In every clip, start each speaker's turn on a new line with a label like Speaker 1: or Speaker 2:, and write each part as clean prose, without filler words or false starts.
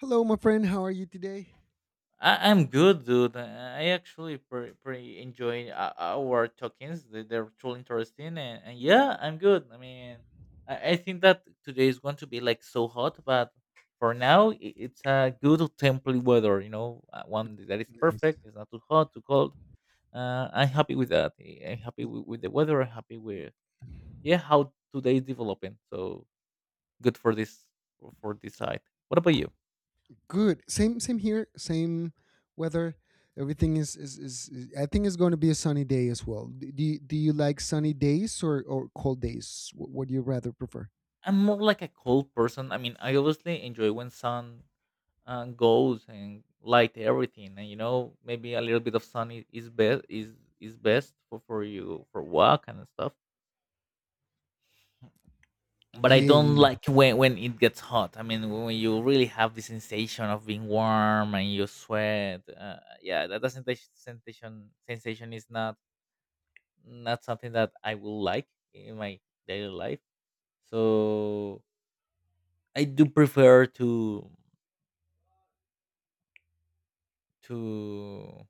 Speaker 1: Hello, my friend. How are you today?
Speaker 2: I'm good, dude. I actually pretty enjoying our talkings. They're truly interesting, and yeah, I'm good. I mean, I think that today is going to be like so hot, but for now, it's a good temporary weather. You know, one that is
Speaker 1: Nice.
Speaker 2: perfect. It's not too hot, too cold. I'm happy with that. I'm happy with the weather. I'm happy with yeah how today is developing. So good for this side. What about you?
Speaker 1: Good. Same. Same here. Same weather. Everything is, I think it's going to be a sunny day as well. Do you like sunny days or cold days? What do you rather prefer?
Speaker 2: I'm more like a cold person. I mean, I obviously enjoy when sun goes and light everything, and you know maybe a little bit of sun is best is best for you for walk and stuff, but I
Speaker 1: Yeah.
Speaker 2: don't
Speaker 1: yeah,
Speaker 2: like when it gets hot. I mean when you really have the sensation of being warm and you sweat, yeah that sensation sensation is not not something that I will like in my daily life. So I do prefer to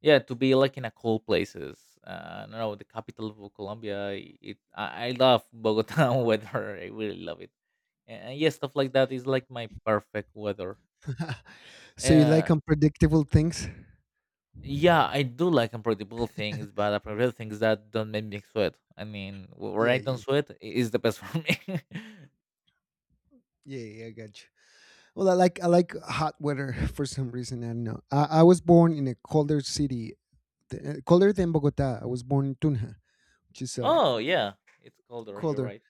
Speaker 2: yeah, to be like in a cold places. I don't know the capital of Colombia. It I love Bogota weather. I really love it. And yeah, stuff like that is like my perfect weather.
Speaker 1: yeah. So you like
Speaker 2: Uh,
Speaker 1: unpredictable things?
Speaker 2: yeah, I do like unpredictable things, but unpredictable things that don't make me sweat. I mean, where
Speaker 1: Yeah,
Speaker 2: I don't
Speaker 1: yeah,
Speaker 2: sweat is the best for me.
Speaker 1: yeah, yeah. I got you. Well, I like hot weather for some reason. I don't know. I was born in a colder city, colder than Bogota. I was born in Tunja, which is
Speaker 2: Oh yeah, it's colder. You're
Speaker 1: colder.
Speaker 2: right.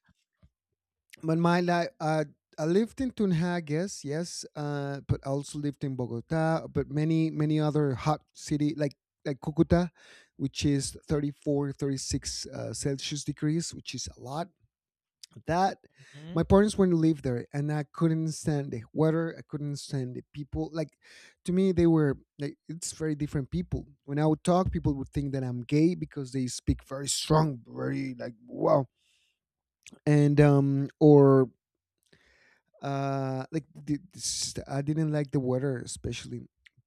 Speaker 1: But my life, I lived in Tunjages, yes, but I also lived in Bogota, but many, many other hot city like Cucuta, which is 34, 36 Celsius degrees, which is a lot. That my
Speaker 2: Hmm.
Speaker 1: parents went to live there, and I couldn't stand the weather. I couldn't stand the people. Like to me, they were like it's very different people. When I would talk, people would think that I'm gay because they speak very strong, very like wow, and or like I didn't like the weather especially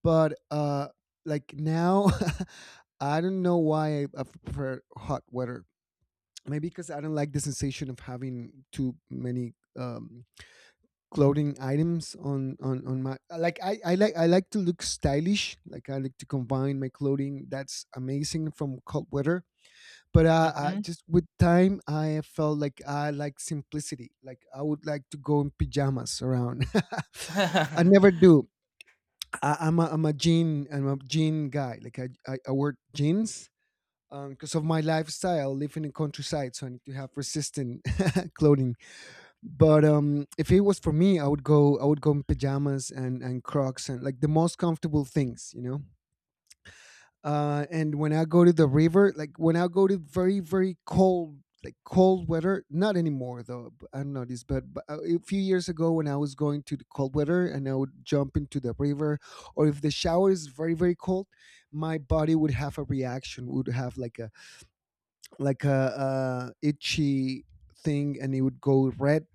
Speaker 1: but like now I don't know why I prefer hot weather maybe because I don't like the sensation of having too many clothing items on my like I like to look stylish like I like to combine my clothing that's amazing from cold weather but
Speaker 2: Hmm.
Speaker 1: just with time I felt like I like simplicity like I would like to go in pajamas around. I never do. I, I'm a jean guy like I wear jeans because of my lifestyle. I live in the countryside, so I need to have resistant clothing. But if it was for me, I would go. I would go in pajamas and Crocs and like the most comfortable things, you know. And when I go to the river, like when I go to very cold like cold weather, not anymore though. I don't know this, but, a few years ago when I was going to the cold weather and I would jump into the river, or if the shower is very very cold, my body would have a reaction, would have like a itchy thing, and it would go red,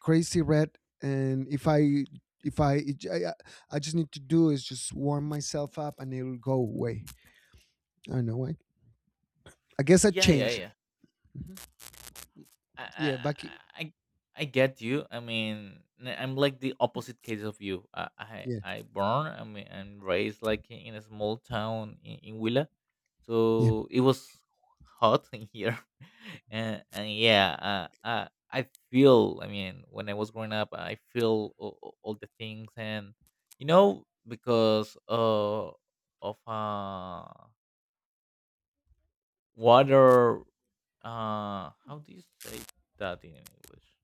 Speaker 1: crazy red, and if I if I, I I just need to do is just warm myself up and it'll go away. I don't know why. I guess I
Speaker 2: Yeah, yeah,
Speaker 1: changed.
Speaker 2: yeah.
Speaker 1: Mhm.
Speaker 2: I I
Speaker 1: Yeah, back. In,
Speaker 2: I I get you. I mean, I'm like the opposite case of you. I I,
Speaker 1: yeah,
Speaker 2: I born. I mean, and raised like in a small town in Willa,
Speaker 1: yeah.
Speaker 2: so it was hot in here, and yeah, I feel. I mean, when I was growing up, I feel all the things, and you know, because of water. How do you say that in English?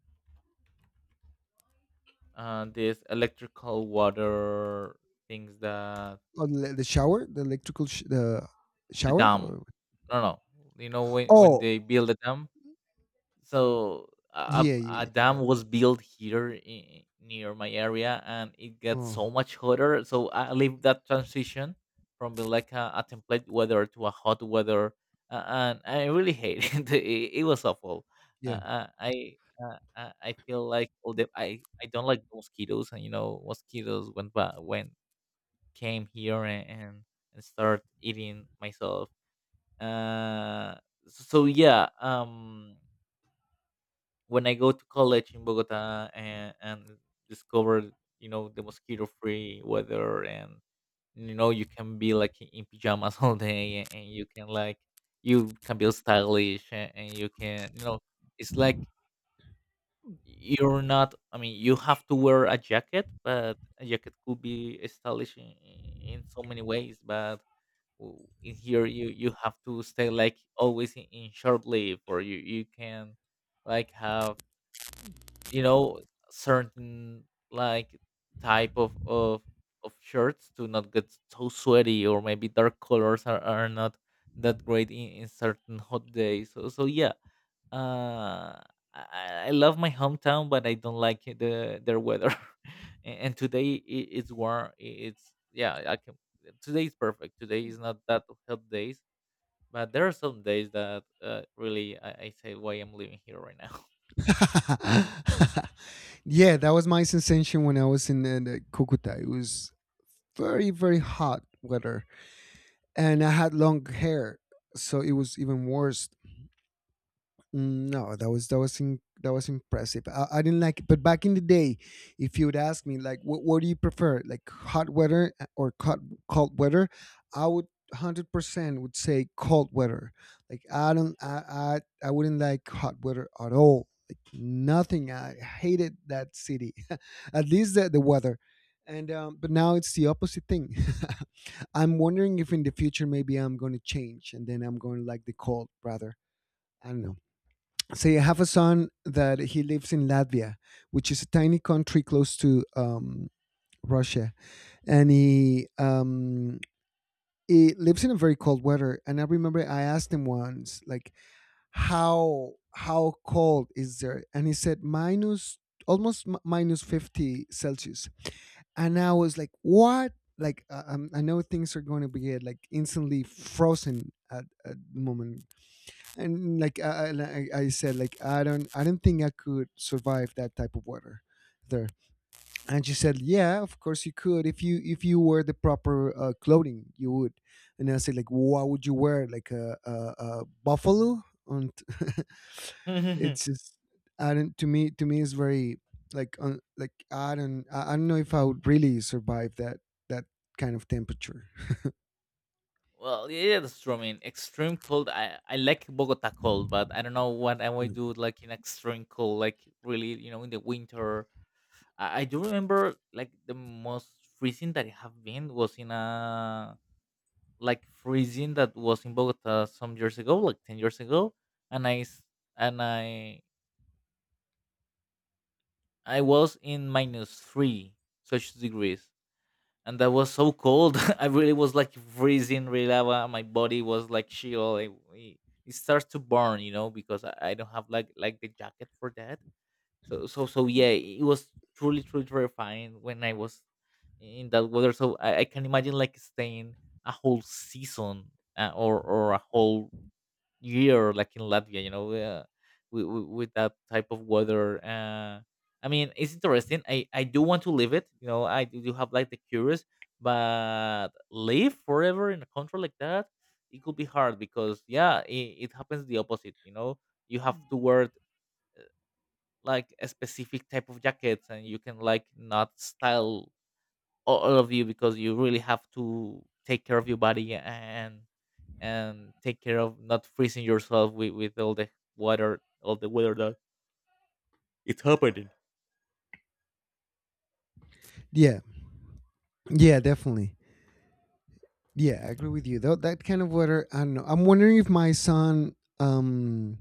Speaker 2: This electrical water things that
Speaker 1: On the shower, the electrical sh- the
Speaker 2: the
Speaker 1: shower.
Speaker 2: dam.
Speaker 1: Or,
Speaker 2: No, no, you know when
Speaker 1: oh,
Speaker 2: they build a dam. So a
Speaker 1: yeah, yeah,
Speaker 2: a
Speaker 1: yeah. I
Speaker 2: dam
Speaker 1: got
Speaker 2: was
Speaker 1: you.
Speaker 2: built here in, near my area, and it gets
Speaker 1: Oh,
Speaker 2: so much hotter. So I live that transition from being like a template weather to a hot weather, and I really hate it. It was awful. Uh,
Speaker 1: yeah.
Speaker 2: uh, I. Uh, I I feel like all the I don't like the mosquitoes, and you know mosquitoes when by, went came here and start eating myself. Uh, so yeah, when I go to college in Bogota and discover, you know, the mosquito-free weather. And you know you can be like in pajamas all day, and you can like you can be stylish, and you can you know it's like you're not. I mean you have to wear a jacket, but a jacket could be stylish in so many ways. But in here you you have to stay like always in short leave, or you can like have you know certain like type of of shirts to not get so sweaty. Or maybe dark colors are not that great in certain hot days, so so yeah. uh I, I I love my hometown, but I don't like it, the their weather. And today it's warm. It's yeah, I can. Today is perfect. Today is not that hot days, but there are some days that really I say why I'm living here right now.
Speaker 1: Yeah that was my sensation when I was in the Cucuta. It was very, very hot weather, and I had long hair, so it was even worse. Mm, no, that was that was impressive. I didn't like it, but back in the day, if you would ask me like, what do you prefer, like hot weather or cold weather, I would 100% would say cold weather. Like I don't, I wouldn't like hot weather at all. Like nothing. I hated that city. At least the weather. And but now it's the opposite thing. I'm wondering if in the future maybe I'm going to change and then I'm going to like the cold rather. I don't know. So I have a son that he lives in Latvia, which is a tiny country close to Russia, and he lives in a very cold weather. And I remember I asked him once, like, how cold is there? And he said minus minus 50 Celsius. And I was like, what? Like, I know things are going to be like instantly frozen at the moment and like I said like I don't think I could survive that type of water there. And she said yeah, of course you could if you wear the proper clothing you would. And I said like what would you wear like a buffalo and it's just I don't to me it's very like un, like I don't I don't know if I would really survive that that kind of temperature.
Speaker 2: Well, yeah, that's true. I mean, extreme cold. I like Bogota cold, but I don't know what I would
Speaker 1: Yeah,
Speaker 2: do like in extreme cold, like really, you know, in the winter. I do remember like the most freezing that I have been was in a like freezing that was in Bogota some years ago, like 10 years ago, and I s- and I was in minus three such degrees, and that was so cold. I really was like freezing, really lava. My body was like chill. It starts to burn, you know, because I don't have like the jacket for that. So so so yeah, it was truly truly terrifying when I was in that weather. So I can imagine like staying a whole season or a whole year, like in Latvia, you know, with that type of weather. I mean, it's interesting. I do want to live it. You know, I do have like the curious, but live forever in a country like that, it could be hard because yeah, it happens the opposite. You know, you have to wear like a specific type of jackets, and you can like not style all of you, because you really have to take care of your body and take care of not freezing yourself with all the water all the weather that it's happening.
Speaker 1: yeah, yeah, definitely. Yeah, I agree with you. That that kind of water. I don't know. I'm wondering if my son,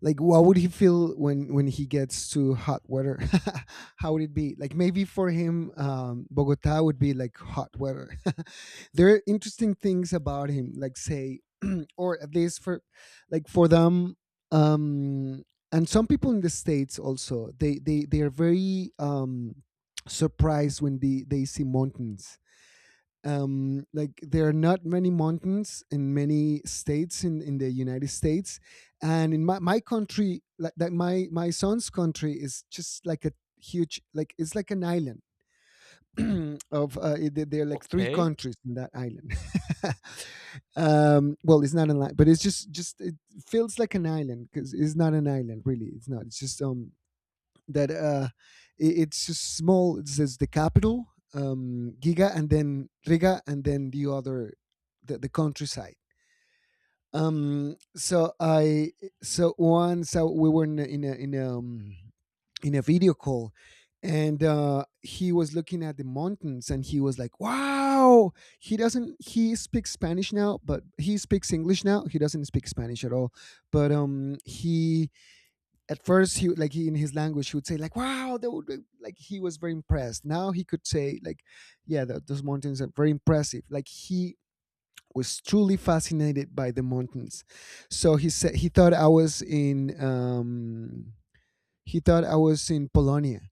Speaker 1: like, what would he feel when he gets to hot weather? How would it be? Like, maybe for him, Bogota would be like hot weather. There are interesting things about him, like say, or at least for, like for them, um, and some people in the states also. They are very surprised when they see mountains. Like there are not many mountains in many states in the United States, and in my country, like my son's country is just like a huge like it's like an island of there there are like three
Speaker 2: Okay.
Speaker 1: countries in that island. Well, it's not an island, but it's just it feels like an island because it's not an island really. It's not. It's just that it's just small. It says the capital, Giga, and then Riga, and then the other, the countryside. So I so once we were in in a video call, and he was looking at the mountains, and he was like, "Wow!" He doesn't He speaks Spanish now, but he speaks English now. He doesn't speak Spanish at all, but he at first like he in his language he would say like wow that would be, like he was very impressed. Now he could say like yeah those mountains are very impressive like he was truly fascinated by the mountains. So he said he thought I was in um he thought I was in polonia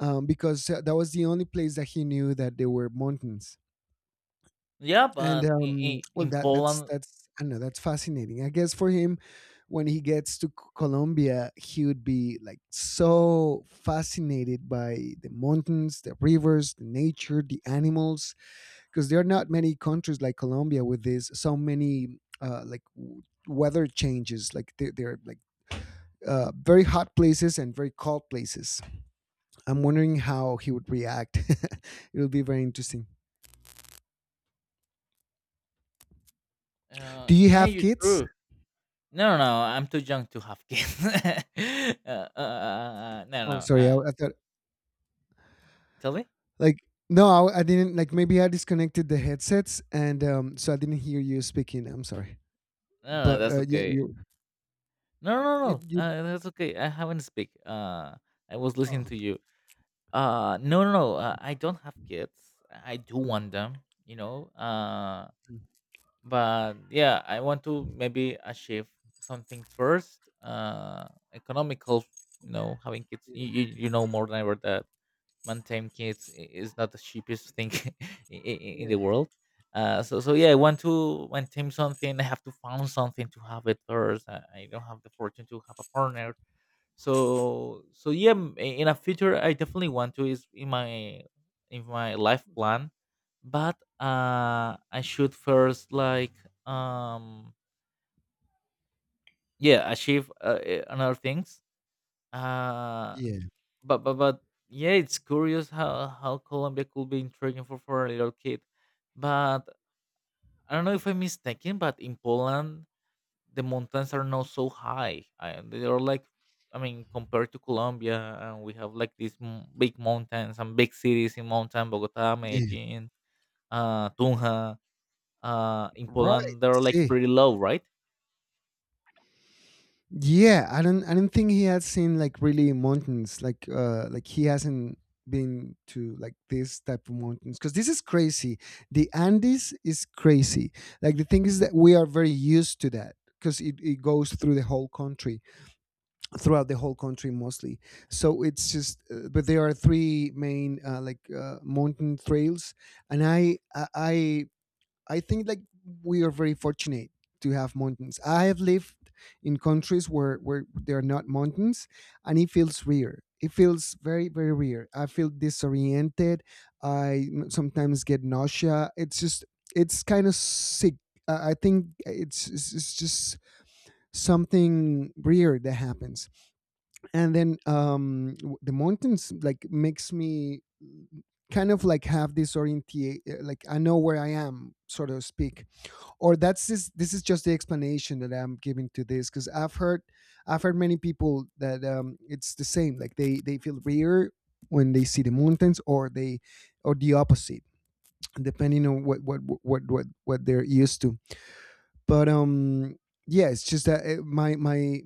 Speaker 1: because that was the only place that he knew that there were mountains.
Speaker 2: Yeah,
Speaker 1: And,
Speaker 2: but
Speaker 1: well,
Speaker 2: in Poland.
Speaker 1: that's I don't know, that's fascinating. I guess for him, when he gets to Colombia, he would be like so fascinated by the mountains, the rivers, the nature, the animals, because there are not many countries like Colombia with this so many weather changes. Like they're like very hot places and very cold places. I'm wondering how he would react. It'll be very interesting.
Speaker 2: Uh
Speaker 1: Do you
Speaker 2: yeah,
Speaker 1: have
Speaker 2: you're
Speaker 1: kids?
Speaker 2: true. No no no, I'm too young to have kids no
Speaker 1: Oh,
Speaker 2: no
Speaker 1: sorry. I thought
Speaker 2: tell me.
Speaker 1: like no, I didn't like. Maybe I disconnected the headsets, and so I didn't hear you speaking. I'm sorry,
Speaker 2: No no no,
Speaker 1: but
Speaker 2: that's
Speaker 1: yeah,
Speaker 2: okay. No no no,
Speaker 1: you.
Speaker 2: that's okay. I haven't speak I was listening
Speaker 1: Oh,
Speaker 2: to you. No, no, no. I don't have kids. I do want them, you know.
Speaker 1: mm,
Speaker 2: But yeah, I want to maybe achieve something first. Economical, you know, having kids.
Speaker 1: yeah,
Speaker 2: You
Speaker 1: mm,
Speaker 2: know more than ever that maintain kids is not the cheapest thing in the
Speaker 1: yeah,
Speaker 2: world. So so yeah, I want to maintain something. I have to found something to have it first. I don't have the fortune to have a partner, so so yeah in a future I definitely want to is in my life plan. But I should first like um yeah achieve another things. Uh
Speaker 1: yeah,
Speaker 2: but yeah, it's curious how Colombia could be intriguing for a little kid. But I don't know if I'm mistaken, but in Poland the mountains are not so high. They are like, I mean, compared to Colombia, and we have like these big mountains and big cities in mountain, Bogota,
Speaker 1: yeah.
Speaker 2: Medellin, Tunja. In
Speaker 1: Right.
Speaker 2: Poland, they're like
Speaker 1: See,
Speaker 2: pretty low, right?
Speaker 1: yeah, I don't think he has seen like really mountains. Like he hasn't been to like this type of mountains because this is crazy. The Andes is crazy. Like the thing is that we are very used to that because it goes through the whole country throughout the whole country mostly. So it's just, but there are three main mountain trails, and I think like we are very fortunate to have mountains. I have lived in countries where there are not mountains, and it feels weird. It feels very very weird. I feel disoriented. Sometimes get nausea. It's just it's kind of sick. I think it's just something weird that happens. And then the mountains like makes me kind of like have this orientate like I know where I am so to speak. Or that's this is just the explanation that I'm giving to this because I've heard many people that it's the same like they feel weird when they see the mountains, or they or the opposite depending on what they're used to. But yeah, it's just that my my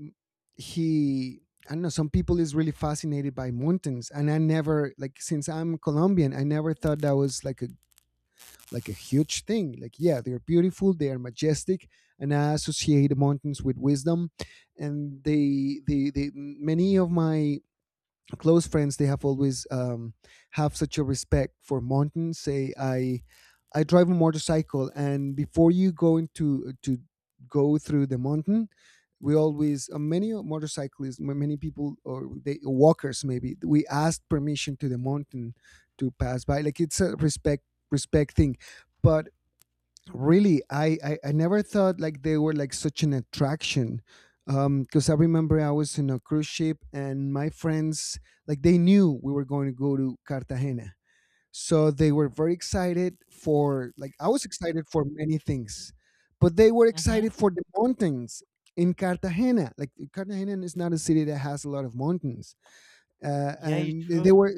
Speaker 1: he I don't know. Some people is really fascinated by mountains, and I never like since I'm Colombian, I never thought that was like a huge thing. Like yeah, they're beautiful, they are majestic, and I associate mountains with wisdom. And they, many of my close friends they have always have such a respect for mountains. Say i i drive a motorcycle, and before you go into to go through the mountain, we always many motorcyclists, many people, or they walkers maybe, we ask permission to the mountain to pass by, like it's a respect thing. But really, I never thought like they were like such an attraction. Because I remember I was in a cruise ship and my friends, like, they knew we were going to go to Cartagena, so they were very excited. For like, I was excited for many things, but they were
Speaker 2: Mm-hmm.
Speaker 1: excited for the mountains in Cartagena. Like, Cartagena is not a city that has a lot of mountains.
Speaker 2: Yeah, you
Speaker 1: And
Speaker 2: true.
Speaker 1: they were,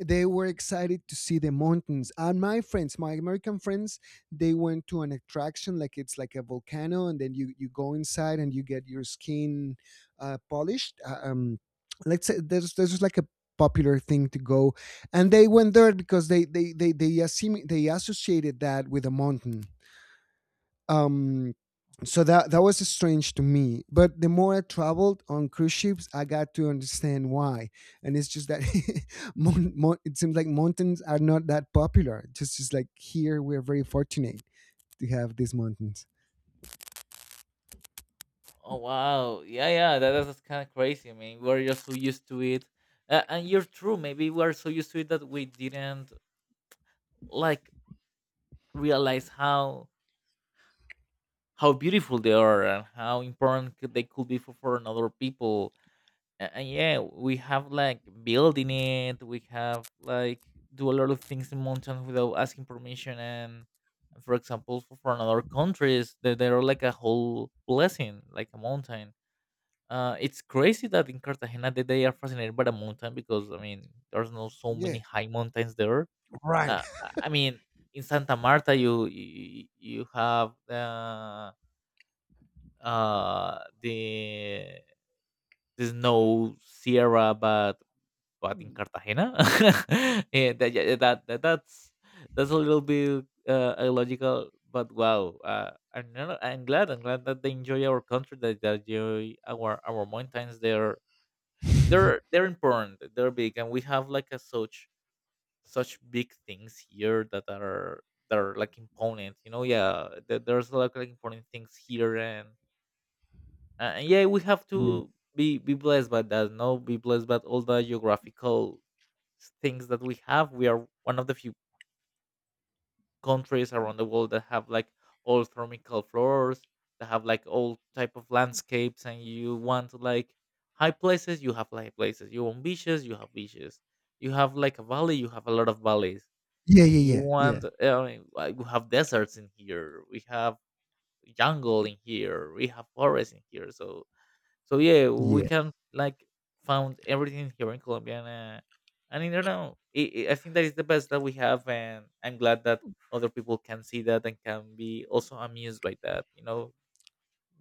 Speaker 1: they were excited to see the mountains. And my friends, my American friends, they went to an attraction, like it's like a volcano, and then you go inside and you get your skin polished. Let's say there's like a popular thing to go. And they went there because they associated that with a mountain. um so that was strange to me, but the more I traveled on cruise ships, I got to understand why. And it's just that it seems like mountains are not that popular. Just like here, we're very fortunate to have these mountains.
Speaker 2: Oh wow, yeah, yeah, that, that's kind of crazy. I mean, we're just so used to it, and you're true. Maybe we're so used to it that we didn't like realize how beautiful they are and how important could- they could be for another people. And yeah, we have like building it. We have like do a lot of things in mountains without asking permission. And for example, for another countries, they are like a whole blessing, like a mountain. It's crazy that in Cartagena that they are fascinated by the mountain, because I mean there's no so many
Speaker 1: Yeah,
Speaker 2: high mountains there.
Speaker 1: right.
Speaker 2: I mean in Santa Marta you have uh the the snow sierra, but in Cartagena, yeah, that, yeah, that, that that's a little bit illogical. But wow, I'm, not- I'm glad that they enjoy our country, that they enjoy our mountains. They're important. They're big, and we have like a such such big things here that are like imponent. You know, yeah, there's like important things here, and yeah, we have
Speaker 1: Yeah,
Speaker 2: to be blessed by that. No, be blessed by all the geographical things that we have. We are one of the few countries around the world that have like all thermical floors, that have like all type of landscapes. And you want like high places, you have high places. You want beaches. You have like a valley, you have a lot of valleys.
Speaker 1: yeah, yeah,
Speaker 2: You
Speaker 1: yeah, yeah,
Speaker 2: want, I mean, like, we have deserts in here. We have jungle in here. We have forests in here. So so yeah, we
Speaker 1: yeah,
Speaker 2: can like found everything here in Colombia, and not know, I think that is the best that we have, and I'm glad that other people can see that and can be also amused by that. You know,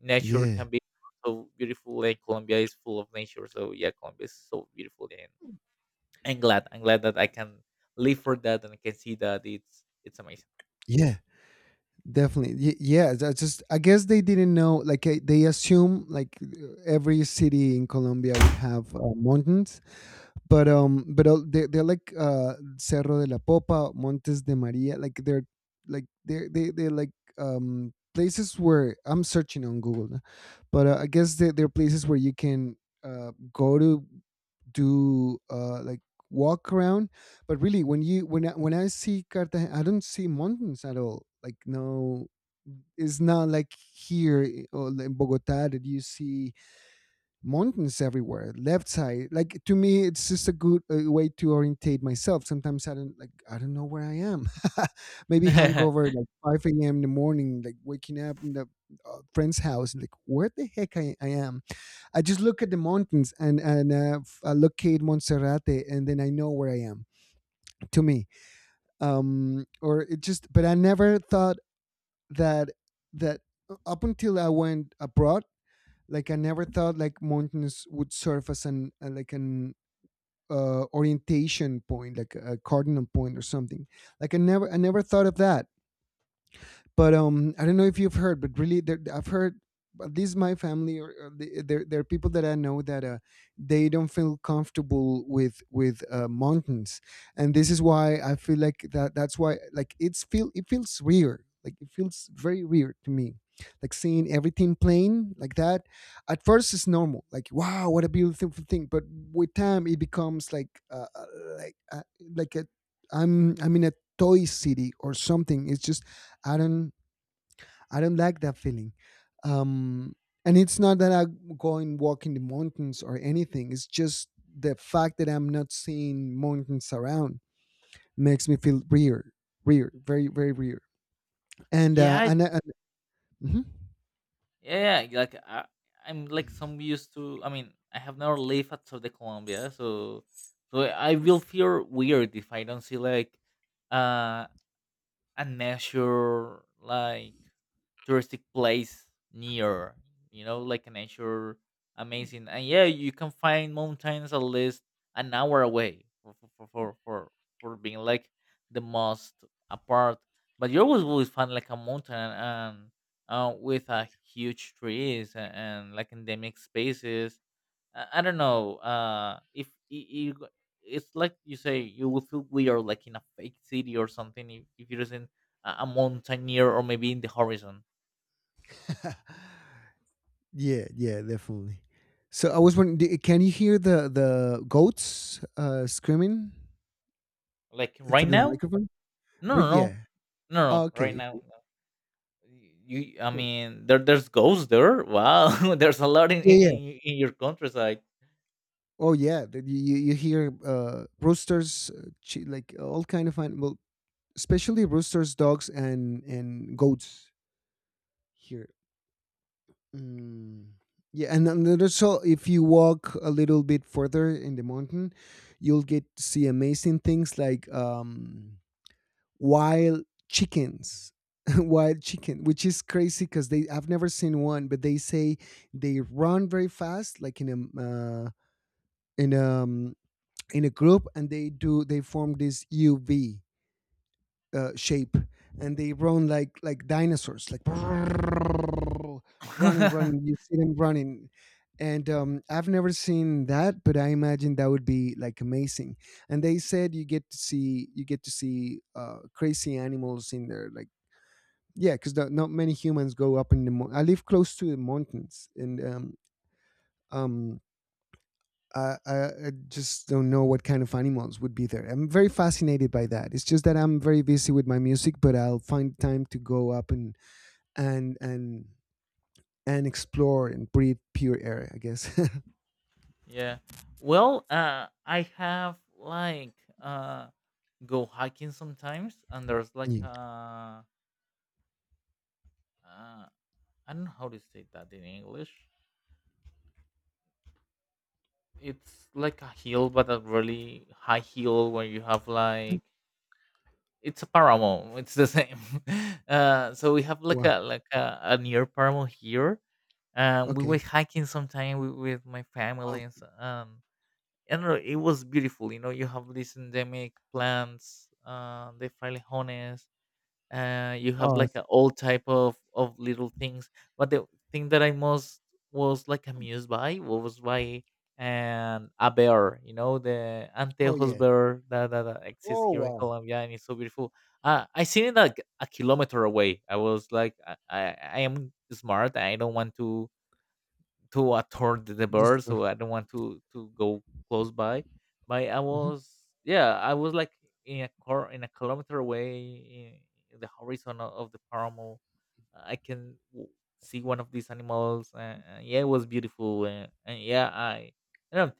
Speaker 2: nature
Speaker 1: yeah,
Speaker 2: can be so beautiful, and Colombia is full of nature. So yeah, Colombia is so beautiful, and I'm glad that I can live for that and I can see that it's amazing.
Speaker 1: yeah, definitely. Yeah, that's just, I guess they didn't know. Like, they assume like every city in Colombia would have mountains. But they they're like Cerro de la Popa, Montes de Maria, like they're like places where I'm searching on Google now. But I guess they they're places where you can go to do like walk around. But really, when you, when I see Cartagena, I don't see mountains at all. Like, no, it's not like here or in Bogota, that you see mountains everywhere, left side. Like, to me, it's just a good way to orientate myself. Sometimes I don't like, I don't know where I am. Maybe hangover, like 5 a.m in the morning, like waking up in the friend's house, like, where the heck I am. I just look at the mountains, and I locate Montserrate, and then I know where I am. To me, or it just, but I never thought that, that up until I went abroad, like, I never thought like mountains would serve as an like an orientation point, like a cardinal point or something. Like, I never thought of that. But I don't know if you've heard, but really there, I've heard, but this is my family, or there are people that I know that they don't feel comfortable with mountains. And this is why I feel like that's why, like, it feels weird. Like, it feels very weird to me, like, seeing everything plain like that. At first it's normal, like, wow, what a beautiful thing, but with time it becomes like like uh, like a, I'm in a toy city or something. It's just, I don't, I don't like that feeling. Um, and it's not that I go and walk in the mountains or anything. It's just the fact that I'm not seeing mountains around makes me feel weird, weird, very, very weird. And uh,
Speaker 2: yeah,
Speaker 1: and, I- and mhm.
Speaker 2: yeah, yeah. Like I'm like some used to. I mean, I have never lived outside the Colombia, so so I will feel weird if I don't see like uh and measure like touristic place near, you know, like a nature amazing. And yeah, you can find mountains at least an hour away for being like the most apart. But you always will find like a mountain and with a huge trees, and like endemic spaces. I don't know. If you, it's like you say, you will feel weird, like in a fake city or something, if are in a mountain near or maybe in the horizon.
Speaker 1: Yeah, yeah, definitely. So I was wondering, can you hear the goats screaming
Speaker 2: Like right
Speaker 1: through the
Speaker 2: now,
Speaker 1: microphone?
Speaker 2: no, no, no, no,
Speaker 1: Yeah.
Speaker 2: no. Right
Speaker 1: Okay, okay.
Speaker 2: now, no. You. I
Speaker 1: Cool.
Speaker 2: mean, there, there's ghosts there. Wow, there's a lot
Speaker 1: Yeah, yeah.
Speaker 2: in your countryside.
Speaker 1: Oh yeah, that you hear roosters, like all kind of animal, especially roosters, dogs, and goats here. Mm. Yeah, and then so if you walk a little bit further in the mountain, you'll get to see amazing things like wild chickens. Wild chicken, which is crazy because they I've never seen one, but they say they run very fast, like in a uh, in a in a group, and they do, they form this UV shape, and they run like dinosaurs, like running, you see them running. And I've never seen that, but I imagine that would be like amazing. And they said you get to see crazy animals in there, like, yeah, because not many humans go up in the I live close to the mountains, and um I just don't know what kind of animals would be there. I'm very fascinated by that. It's just that I'm very busy with my music, but I'll find time to go up and and and and explore and breathe pure air, I guess.
Speaker 2: yeah. Well, I have like uh go hiking sometimes, and there's like
Speaker 1: Yeah.
Speaker 2: a. uh, I don't know how to say that in English. It's like a heel, but a really high heel where you have like it's a paramo. It's the same. So we have like
Speaker 1: Wow.
Speaker 2: a like a near paramo here. We were
Speaker 1: Okay.
Speaker 2: hiking sometime with my
Speaker 1: Wow.
Speaker 2: family and so, I don't know. It was beautiful. You know, you have these endemic plants. They're you have
Speaker 1: Oh.
Speaker 2: like a all type of little things. But the thing that I most was like amused by was by and a bear, you know, the
Speaker 1: Oh
Speaker 2: anteojos
Speaker 1: yeah.
Speaker 2: bear that exists
Speaker 1: Oh
Speaker 2: here in
Speaker 1: wow.
Speaker 2: Colombia, and it's so beautiful. I seen it like a kilometer away. I was like I am smart. I don't want to attract the
Speaker 1: This
Speaker 2: birds,
Speaker 1: stuff.
Speaker 2: so I don't want to go close by. But I
Speaker 1: Mhm.
Speaker 2: was yeah, I was like in a car in a kilometer away in the horizon of the paramo. I can see one of these animals. And yeah, it was beautiful. And yeah, I you know